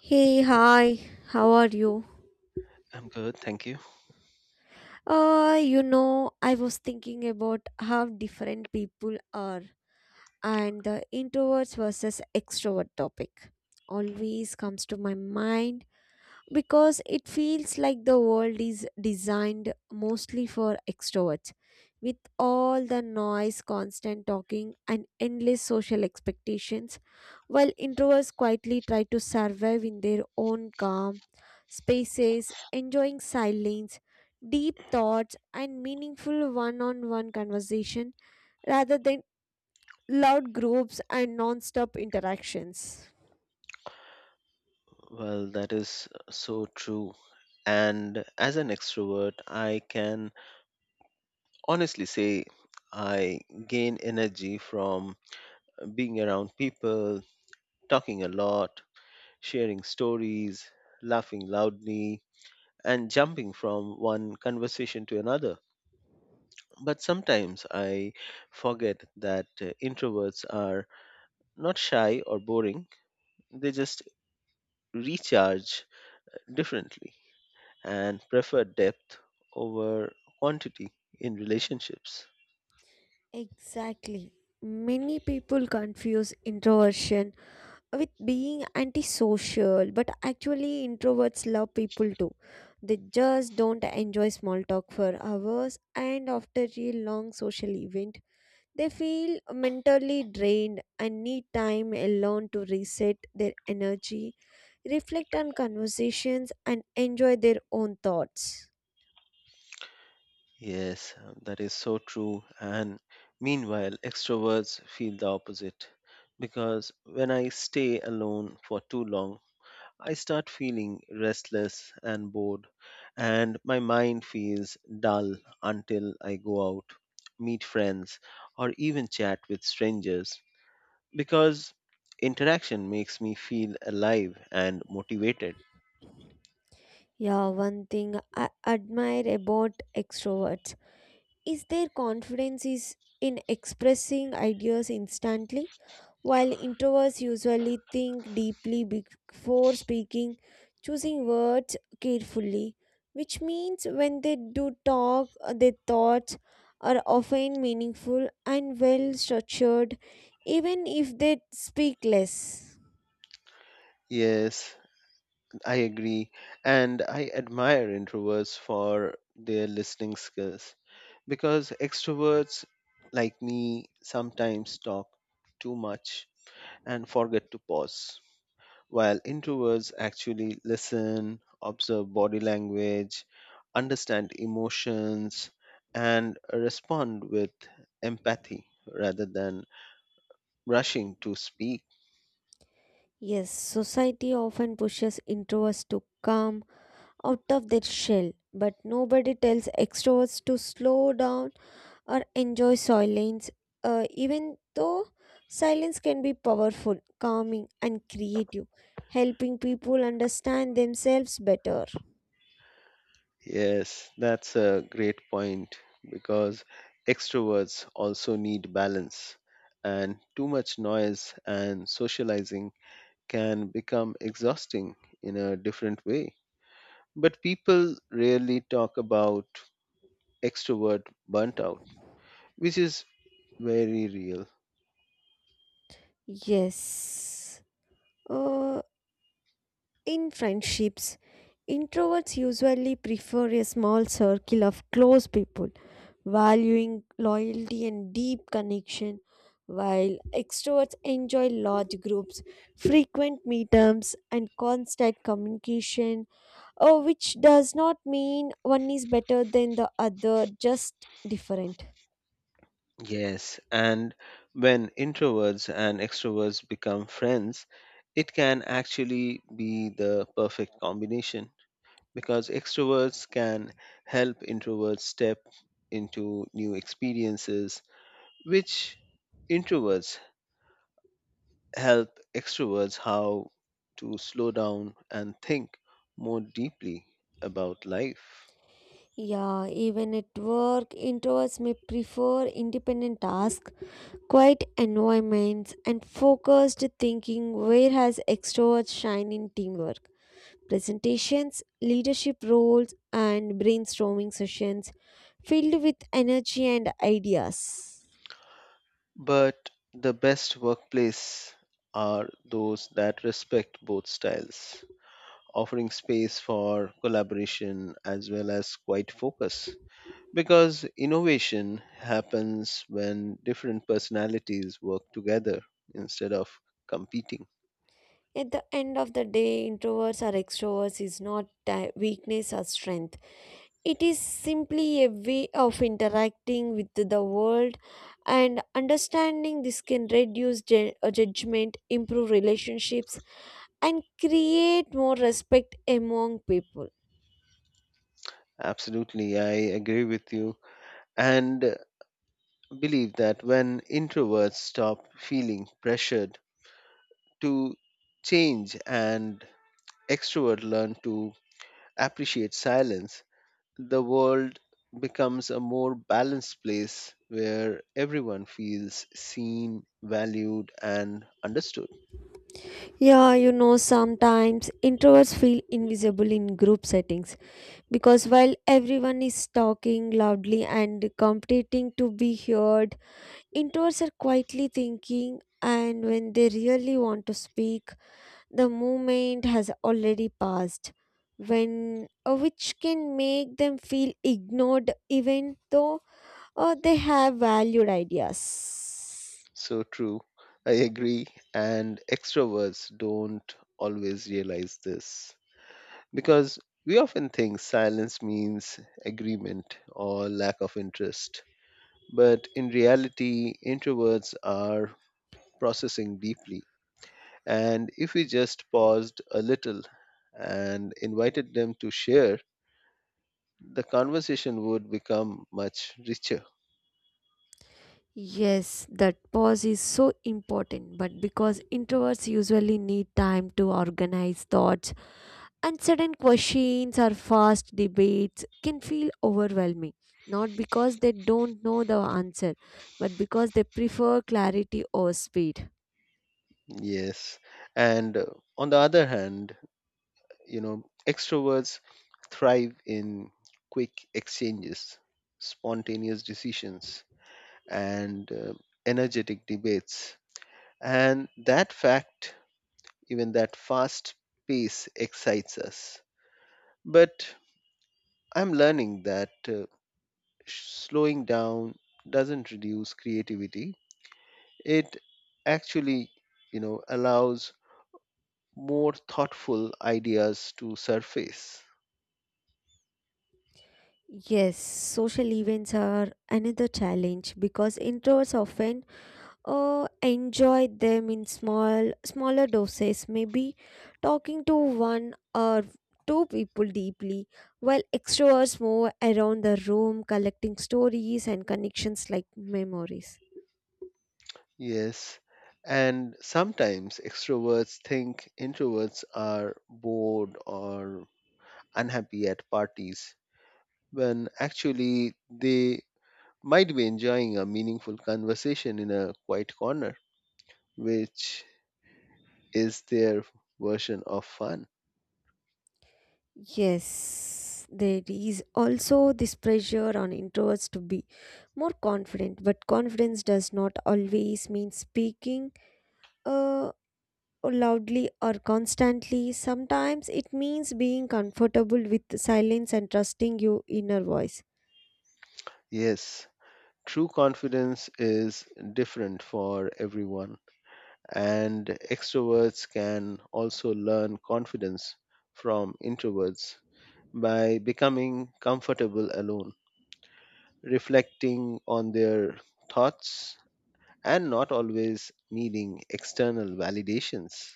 Hey, hi, how are you? I'm good, thank you. I was thinking about how different people are, and the introverts versus extrovert topic always comes to my mind because it feels like the world is designed mostly for extroverts with all the noise, constant talking, and endless social expectations, while introverts quietly try to survive in their own calm spaces, enjoying silence, deep thoughts, and meaningful one-on-one conversation rather than loud groups and non-stop interactions. Well, that is so true. And as an extrovert, I can honestly say I gain energy from being around people, talking a lot, sharing stories, laughing loudly, and jumping from one conversation to another. But sometimes I forget that introverts are not shy or boring, they just recharge differently, and prefer depth over quantity in relationships. Exactly. Many people confuse introversion with being antisocial, but actually, introverts love people too. They just don't enjoy small talk for hours, and after a long social event, they feel mentally drained and need time alone to reset their energy, reflect on conversations, and enjoy their own thoughts. Yes, that is so true. And meanwhile, extroverts feel the opposite because when I stay alone for too long, I start feeling restless and bored, and my mind feels dull until I go out, meet friends, or even chat with strangers because interaction makes me feel alive and motivated. Yeah, one thing I admire about extroverts is their confidence is in expressing ideas instantly, while introverts usually think deeply before speaking, choosing words carefully, which means when they do talk, their thoughts are often meaningful and well structured, even if they speak less. Yes, I agree, and I admire introverts for their listening skills because extroverts like me sometimes talk too much and forget to pause, while introverts actually listen, observe body language, understand emotions, and respond with empathy rather than rushing to speak. Yes, society often pushes introverts to calm out of their shell, but nobody tells extroverts to slow down or enjoy silence, even though silence can be powerful, calming, and creative, helping people understand themselves better. Yes, that's a great point because extroverts also need balance, and too much noise and socializing can become exhausting in a different way. But people rarely talk about extrovert burnt out, which is very real. Yes. Uh, in friendships, introverts usually prefer a small circle of close people, valuing loyalty and deep connection, while extroverts enjoy large groups, frequent meetups, and constant communication, which does not mean one is better than the other, just different. Yes, and when introverts and extroverts become friends, it can actually be the perfect combination, because extroverts can help introverts step into new experiences, which introverts help extroverts how to slow down and think more deeply about life. Yeah, even at work, introverts may prefer independent tasks, quiet environments, and focused thinking, whereas extroverts shine in teamwork, presentations, leadership roles, and brainstorming sessions filled with energy and ideas. But the best workplace are those that respect both styles, offering space for collaboration as well as quiet focus, because innovation happens when different personalities work together instead of competing. At the end of the day, introverts or extroverts is not a weakness or strength. It is simply a way of interacting with the world, and understanding this can reduce judgment, improve relationships, and create more respect among people. Absolutely, I agree with you and believe that when introverts stop feeling pressured to change and extroverts learn to appreciate silence, the world becomes a more balanced place where everyone feels seen, valued, and understood. Yeah, you know, sometimes introverts feel invisible in group settings because while everyone is talking loudly and competing to be heard, introverts are quietly thinking, and when they really want to speak, the moment has already passed. When which can make them feel ignored, even though they have valued ideas. So true. I agree. And extroverts don't always realize this because we often think silence means agreement or lack of interest. But in reality, introverts are processing deeply. And if we just paused a little and invited them to share, the conversation would become much richer. Yes, that pause is so important, but because introverts usually need time to organize thoughts, and sudden questions or fast debates can feel overwhelming. Not because they don't know the answer, but because they prefer clarity or speed. Yes. And on the other hand, you know extroverts thrive in quick exchanges, spontaneous decisions, and energetic debates, and that fact even that fast pace excites us, but I'm learning that slowing down doesn't reduce creativity, it actually, you know, allows more thoughtful ideas to surface. Yes, social events are another challenge because introverts often enjoy them in smaller doses, maybe talking to one or two people deeply, while extroverts move around the room collecting stories and connections like memories. Yes, and sometimes extroverts think introverts are bored or unhappy at parties when actually they might be enjoying a meaningful conversation in a quiet corner, which is their version of fun. Yes, there is also this pressure on introverts to be more confident, but confidence does not always mean speaking uh, loudly or constantly. Sometimes it means being comfortable with silence and trusting your inner voice. Yes, true confidence is different for everyone, and extroverts can also learn confidence from introverts by becoming comfortable alone, reflecting on their thoughts, and not always needing external validations.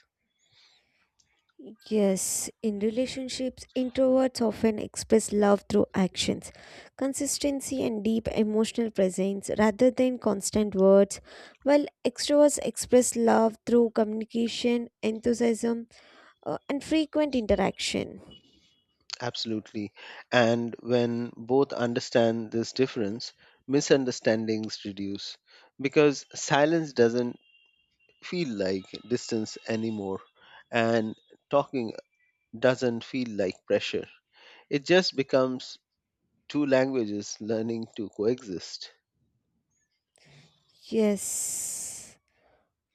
Yes, in relationships, introverts often express love through actions, consistency, and deep emotional presence rather than constant words, while extroverts express love through communication, enthusiasm, and frequent interaction. Absolutely. And when both understand this difference, misunderstandings reduce because silence doesn't feel like distance anymore, and talking doesn't feel like pressure. It just becomes two languages learning to coexist. Yes.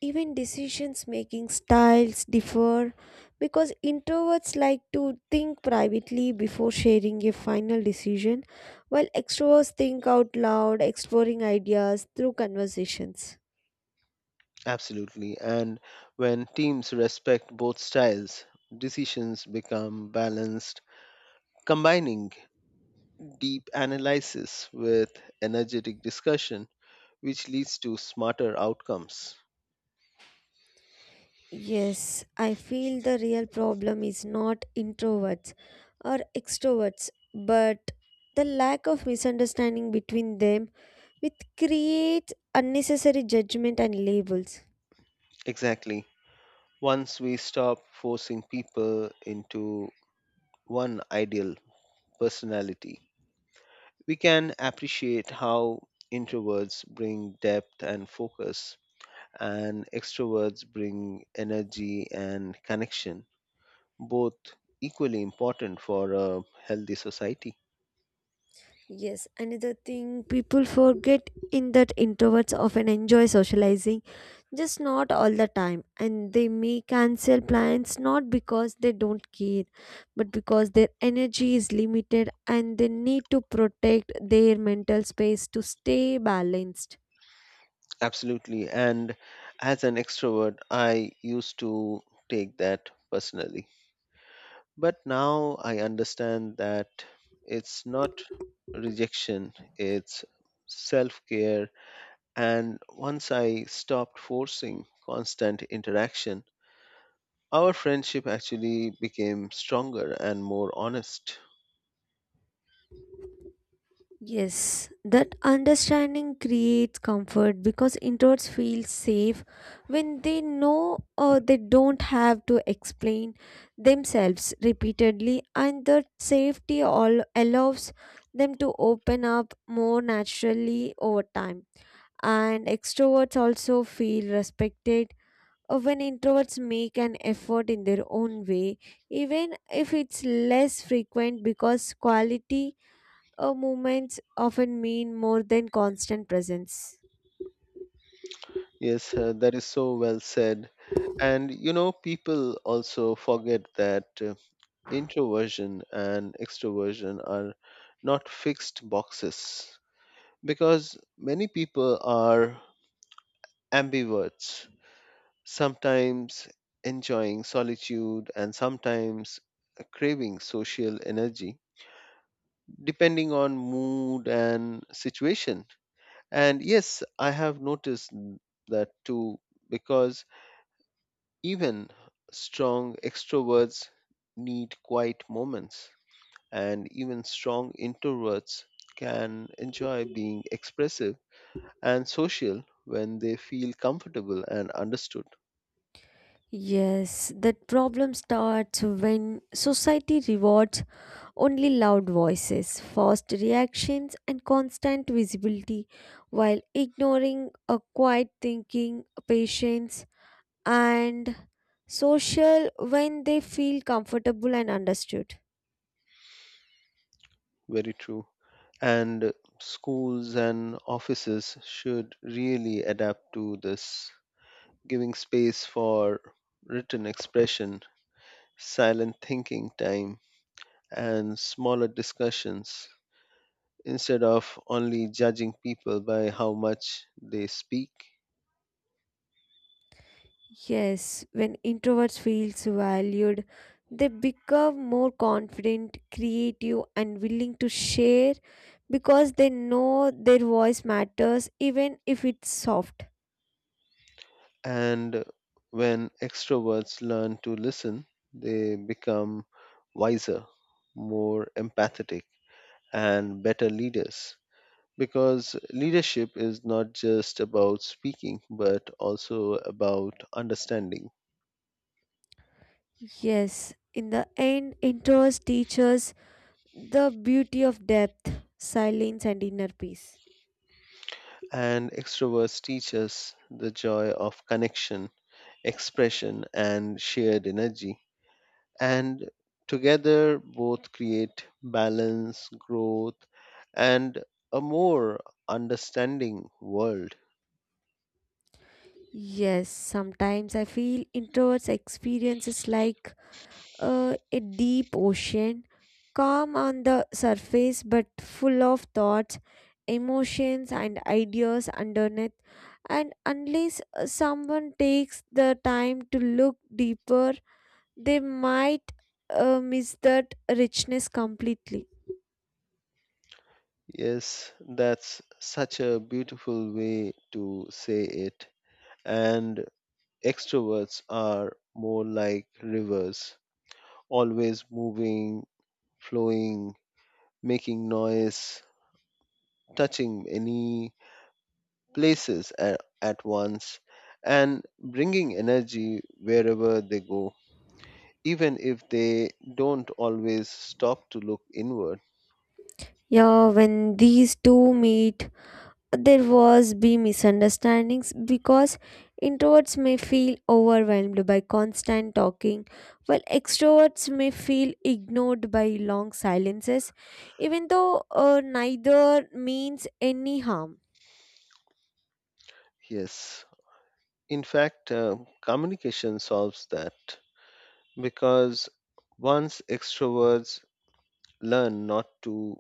Even decisions making styles differ because introverts like to think privately before sharing a final decision, while extroverts think out loud, exploring ideas through conversations. Absolutely. And when teams respect both styles, decisions become balanced, combining deep analysis with energetic discussion, which leads to smarter outcomes. Yes, I feel the real problem is not introverts or extroverts, but the lack of misunderstanding between them, which creates unnecessary judgment and labels. Exactly. Once we stop forcing people into one ideal personality, we can appreciate how introverts bring depth and focus, and extroverts bring energy and connection, both equally important for a healthy society. Yes, another thing people forget in that introverts often enjoy socializing, just not all the time, and they may cancel plans not because they don't care, but because their energy is limited and they need to protect their mental space to stay balanced. Absolutely. And as an extrovert, I used to take that personally. But now I understand that it's not rejection, it's self care. And once I stopped forcing constant interaction, our friendship actually became stronger and more honest. Yes, that understanding creates comfort because introverts feel safe when they know or they don't have to explain themselves repeatedly, and that safety all allows them to open up more naturally over time. And extroverts also feel respected when introverts make an effort in their own way, even if it's less frequent, because quality movements often mean more than constant presence. Yes, that is so well said. And you know, people also forget that introversion and extroversion are not fixed boxes because many people are ambiverts, sometimes enjoying solitude and sometimes craving social energy, depending on mood and situation. And yes, I have noticed that too, because even strong extroverts need quiet moments, and even strong introverts can enjoy being expressive and social when they feel comfortable and understood. Yes, that problem starts when society rewards only loud voices, fast reactions, and constant visibility while ignoring a quiet thinking, patience, and social when they feel comfortable and understood. Very true. And schools and offices should really adapt to this, giving space for written expression, silent thinking time, and smaller discussions instead of only judging people by how much they speak. Yes, when introverts feel so valued, they become more confident, creative, and willing to share because they know their voice matters, even if it's soft. And when extroverts learn to listen, they become wiser, more empathetic, and better leaders, because leadership is not just about speaking, but also about understanding. Yes, in the end, introverts teach us the beauty of depth, silence, and inner peace. And extroverts teach us the joy of connection, expression, and shared energy, and together both create balance, growth, and a more understanding world. Yes, sometimes I feel introverts experiences like a deep ocean, calm on the surface but full of thoughts, emotions, and ideas underneath. And unless someone takes the time to look deeper, they might miss that richness completely. Yes, that's such a beautiful way to say it. And extroverts are more like rivers, always moving, flowing, making noise, touching many places at once, and bringing energy wherever they go, even if they don't always stop to look inward. Yeah, when these two meet, there was be misunderstandings because introverts may feel overwhelmed by constant talking, while extroverts may feel ignored by long silences, even though neither means any harm. Yes, in fact, communication solves that because once extroverts learn not to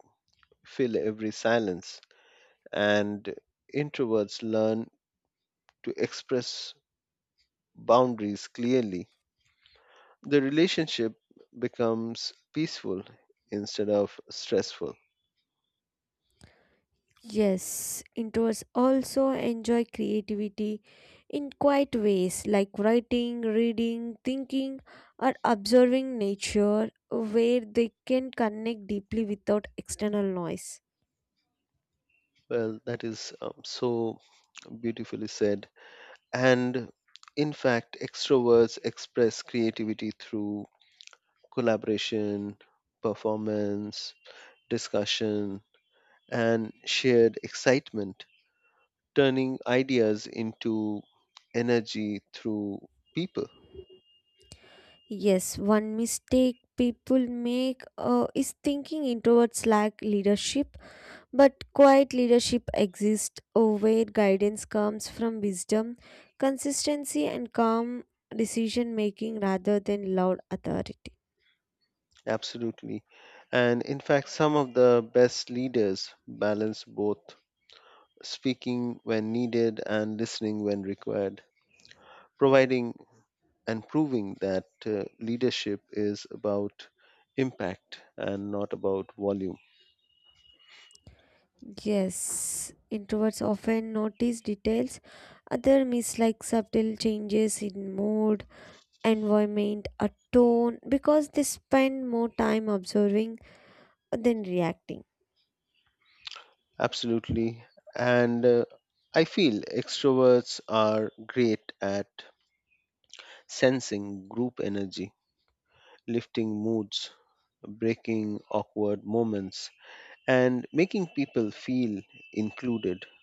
fill every silence and introverts learn to express boundaries clearly, the relationship becomes peaceful instead of stressful. Yes, introverts also enjoy creativity in quiet ways like writing, reading, thinking, or observing nature, where they can connect deeply without external noise. Well, that is so beautifully said. And in fact, extroverts express creativity through collaboration, performance, discussion, and shared excitement, turning ideas into energy through people. Yes, one mistake people make is thinking introverts lack leadership, but quiet leadership exists, where guidance comes from wisdom, consistency, and calm decision making rather than loud authority. Absolutely. And in fact, some of the best leaders balance both speaking when needed and listening when required, providing and proving that leadership is about impact and not about volume. Yes, introverts often notice details, other miss, like subtle changes in mood, environment, or tone because they spend more time observing than reacting. Absolutely. And I feel extroverts are great at sensing group energy, lifting moods, breaking awkward moments, and making people feel included.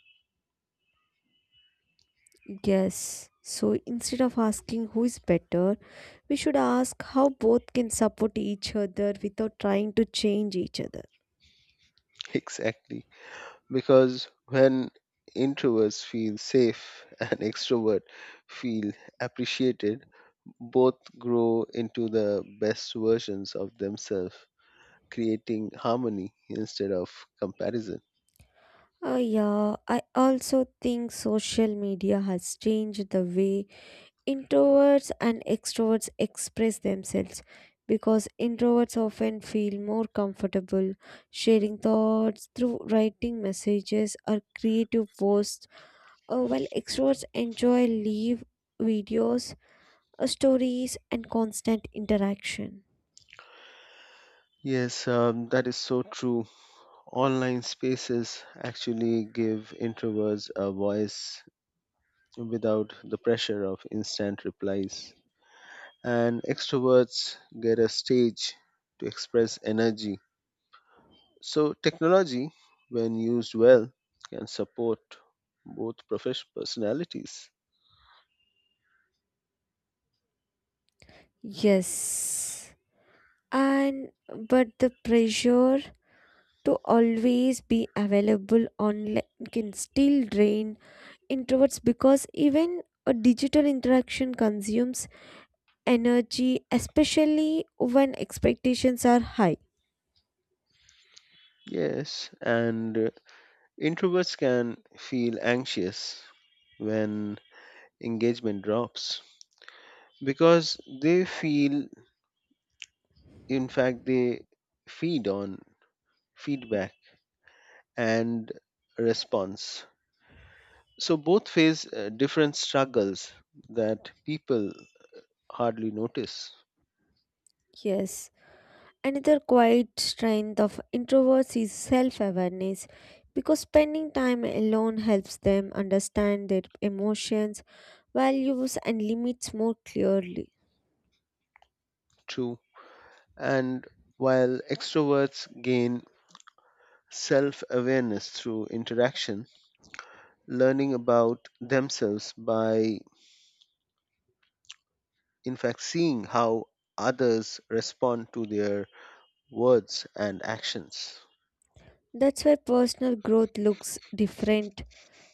Yes. So instead of asking who is better, we should ask how both can support each other without trying to change each other. Exactly. Because when introverts feel safe and extroverts feel appreciated, both grow into the best versions of themselves, creating harmony instead of comparison. Yeah, I also think social media has changed the way introverts and extroverts express themselves, because introverts often feel more comfortable sharing thoughts through writing, messages, or creative posts, while extroverts enjoy live videos, stories, and constant interaction. Yes, that is so true. Online spaces actually give introverts a voice without the pressure of instant replies, and extroverts get a stage to express energy. So, technology, when used well, can support both professional personalities. Yes. And but the pressure to always be available online can still drain introverts, because even a digital interaction consumes energy, especially when expectations are high. Yes, and introverts can feel anxious when engagement drops because they feel, in fact, they feed on feedback and response. So both face different struggles that people hardly notice. Yes. Another quiet strength of introverts is self awareness, because spending time alone helps them understand their emotions, values, and limits more clearly. True. And while extroverts gain self awareness through interaction, learning about themselves by, in fact, seeing how others respond to their words and actions. That's why personal growth looks different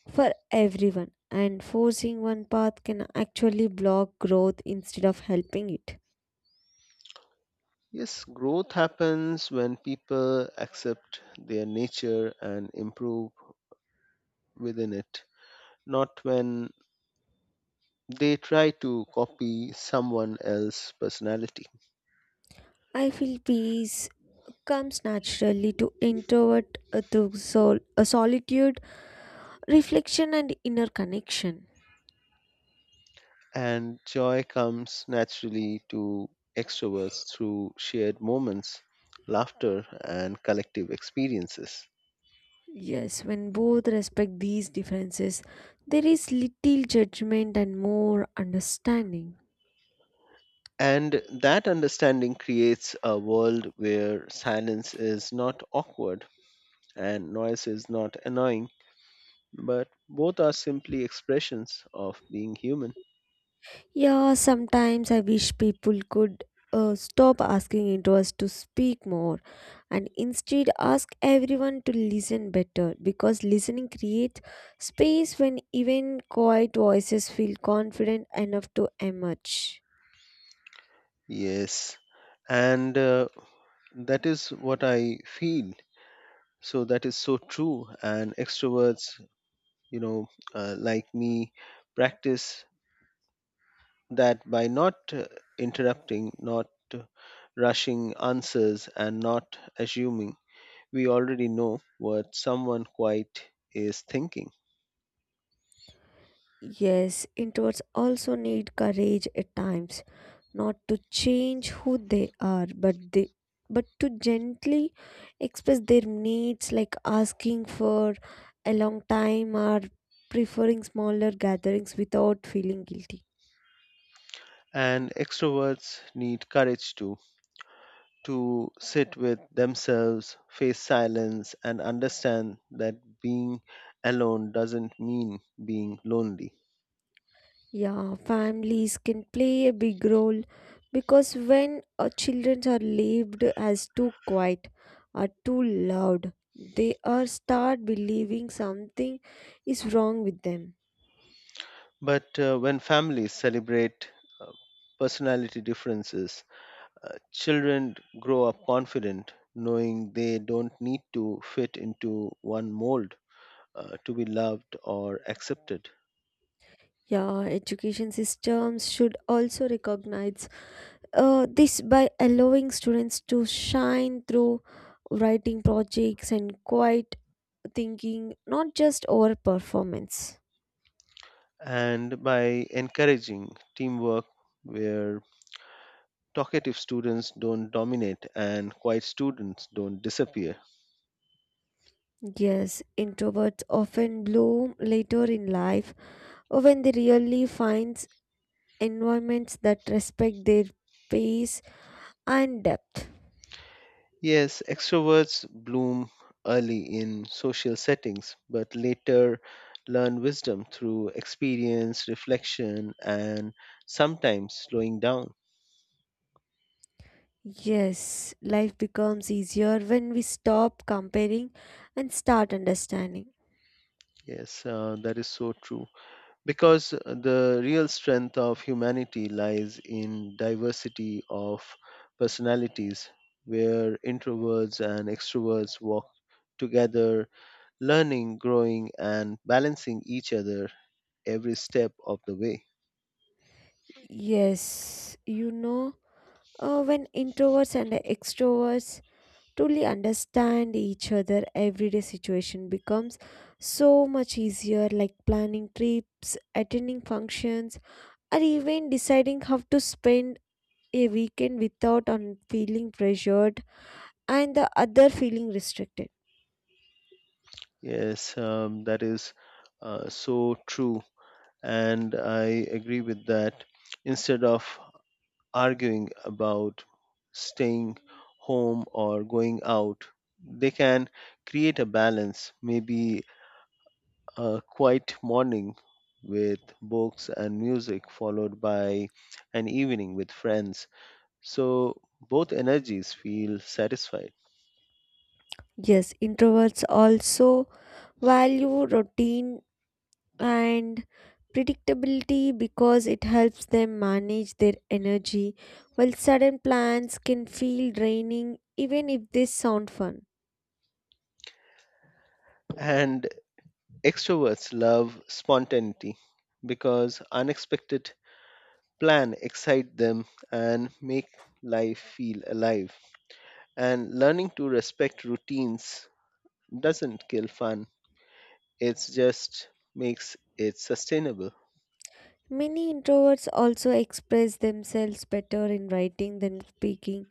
for everyone, and forcing one path can actually block growth instead of helping it. Yes, growth happens when people accept their nature and improve within it, not when they try to copy someone else's personality. I feel peace comes naturally to introvert through solitude, reflection, and inner connection. And joy comes naturally to extroverts through shared moments, laughter, and collective experiences. Yes, when both respect these differences, there is little judgment and more understanding. And that understanding creates a world where silence is not awkward and noise is not annoying, but both are simply expressions of being human. Yeah, sometimes I wish people could stop asking introverts to speak more and instead ask everyone to listen better, because listening creates space when even quiet voices feel confident enough to emerge. Yes, and that is what I feel. So that is so true. And extroverts, you know, like me, practice that by not interrupting, not uh, rushing answers, and not assuming we already know what someone quiet is thinking. Yes, introverts also need courage at times, not to change who they are, but to gently express their needs, like asking for a long time or preferring smaller gatherings without feeling guilty. And extroverts need courage to sit with themselves, face silence, and understand that being alone doesn't mean being lonely. Yeah, families can play a big role because when our children are labeled as too quiet or too loud, they are start believing something is wrong with them. But when families celebrate uh, personality differences, children grow up confident, knowing they don't need to fit into one mold to be loved or accepted. Yeah, education systems should also recognize this by allowing students to shine through writing projects and quiet thinking, not just over performance. And by encouraging teamwork where talkative students don't dominate and quiet students don't disappear. Yes, introverts often bloom later in life when they really find environments that respect their pace and depth. Yes, extroverts bloom early in social settings, but later learn wisdom through experience, reflection, and sometimes slowing down. Yes, life becomes easier when we stop comparing and start understanding. Yes, that is so true, because the real strength of humanity lies in diversity of personalities where introverts and extroverts walk together, learning, growing, and balancing each other every step of the way. Yes, you know, when introverts and extroverts truly understand each other, everyday situation becomes so much easier, like planning trips, attending functions, or even deciding how to spend a weekend without feeling pressured and the other feeling restricted. Yes, that is so true, and I agree with that. Instead of arguing about staying home or going out, they can create a balance, maybe a quiet morning with books and music, followed by an evening with friends. So both energies feel satisfied. Yes, introverts also value routine and predictability because it helps them manage their energy, while sudden plans can feel draining even if they sound fun. And extroverts love spontaneity because unexpected plan excite them and make life feel alive, and learning to respect routines doesn't kill fun. It just makes it sustainable. Many introverts also express themselves better in writing than speaking,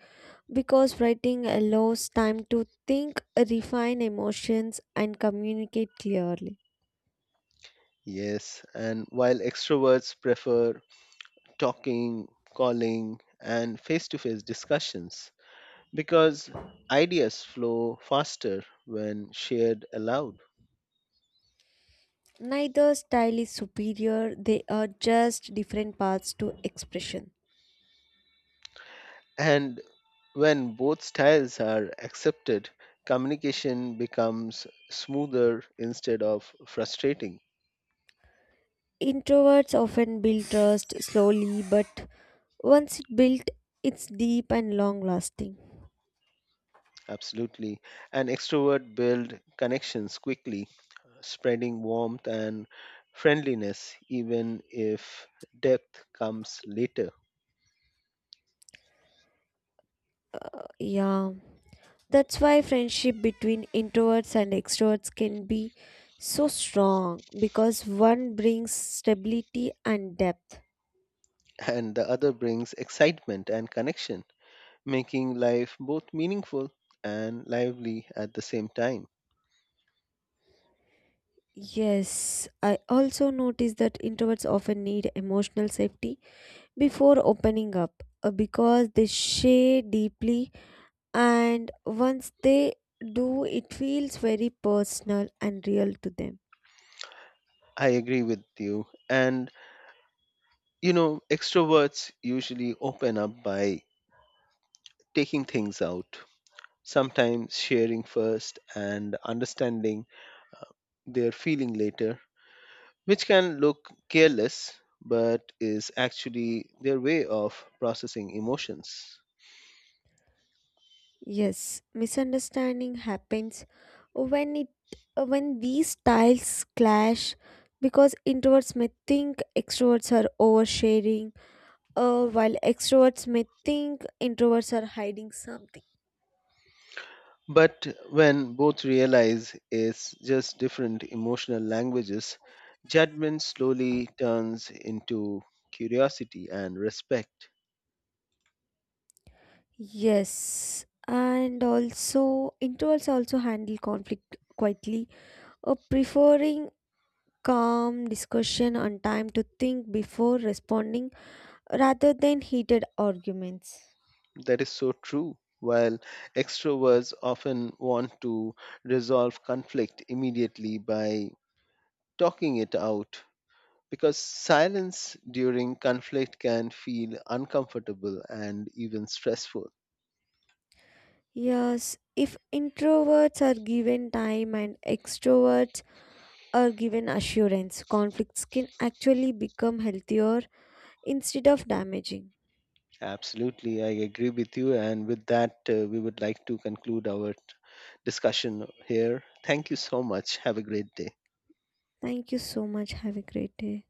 because writing allows time to think, refine emotions, and communicate clearly. Yes, and while extroverts prefer talking, calling, and face to face discussions because ideas flow faster when shared aloud. Neither style is superior, they are just different paths to expression. And when both styles are accepted, communication becomes smoother instead of frustrating. Introverts often build trust slowly, but once it built, it's deep and long lasting. Absolutely. An extrovert build connections quickly, spreading warmth and friendliness, even if depth comes later. Yeah. That's why friendship between introverts and extroverts can be so strong, because one brings stability and depth. And the other brings excitement and connection, making life both meaningful and lively at the same time. Yes, I also notice that introverts often need emotional safety before opening up, because they share deeply, and once they do, it feels very personal and real to them. I agree with you. And, you know, extroverts usually open up by taking things out, sometimes sharing first and understanding their feeling later, which can look careless but is actually their way of processing emotions. Yes, misunderstanding happens when it when these styles clash, because introverts may think extroverts are oversharing, while extroverts may think introverts are hiding something. But when both realize it's just different emotional languages, judgment slowly turns into curiosity and respect. Yes, and also introverts also handle conflict quietly, preferring calm discussion and time to think before responding rather than heated arguments. That is so true. While extroverts often want to resolve conflict immediately by talking it out, because silence during conflict can feel uncomfortable and even stressful. Yes, if introverts are given time and extroverts are given assurance, conflicts can actually become healthier instead of damaging. Absolutely, I agree with you. And with that, we would like to conclude our discussion here. Thank you so much. Have a great day. Thank you so much. Have a great day.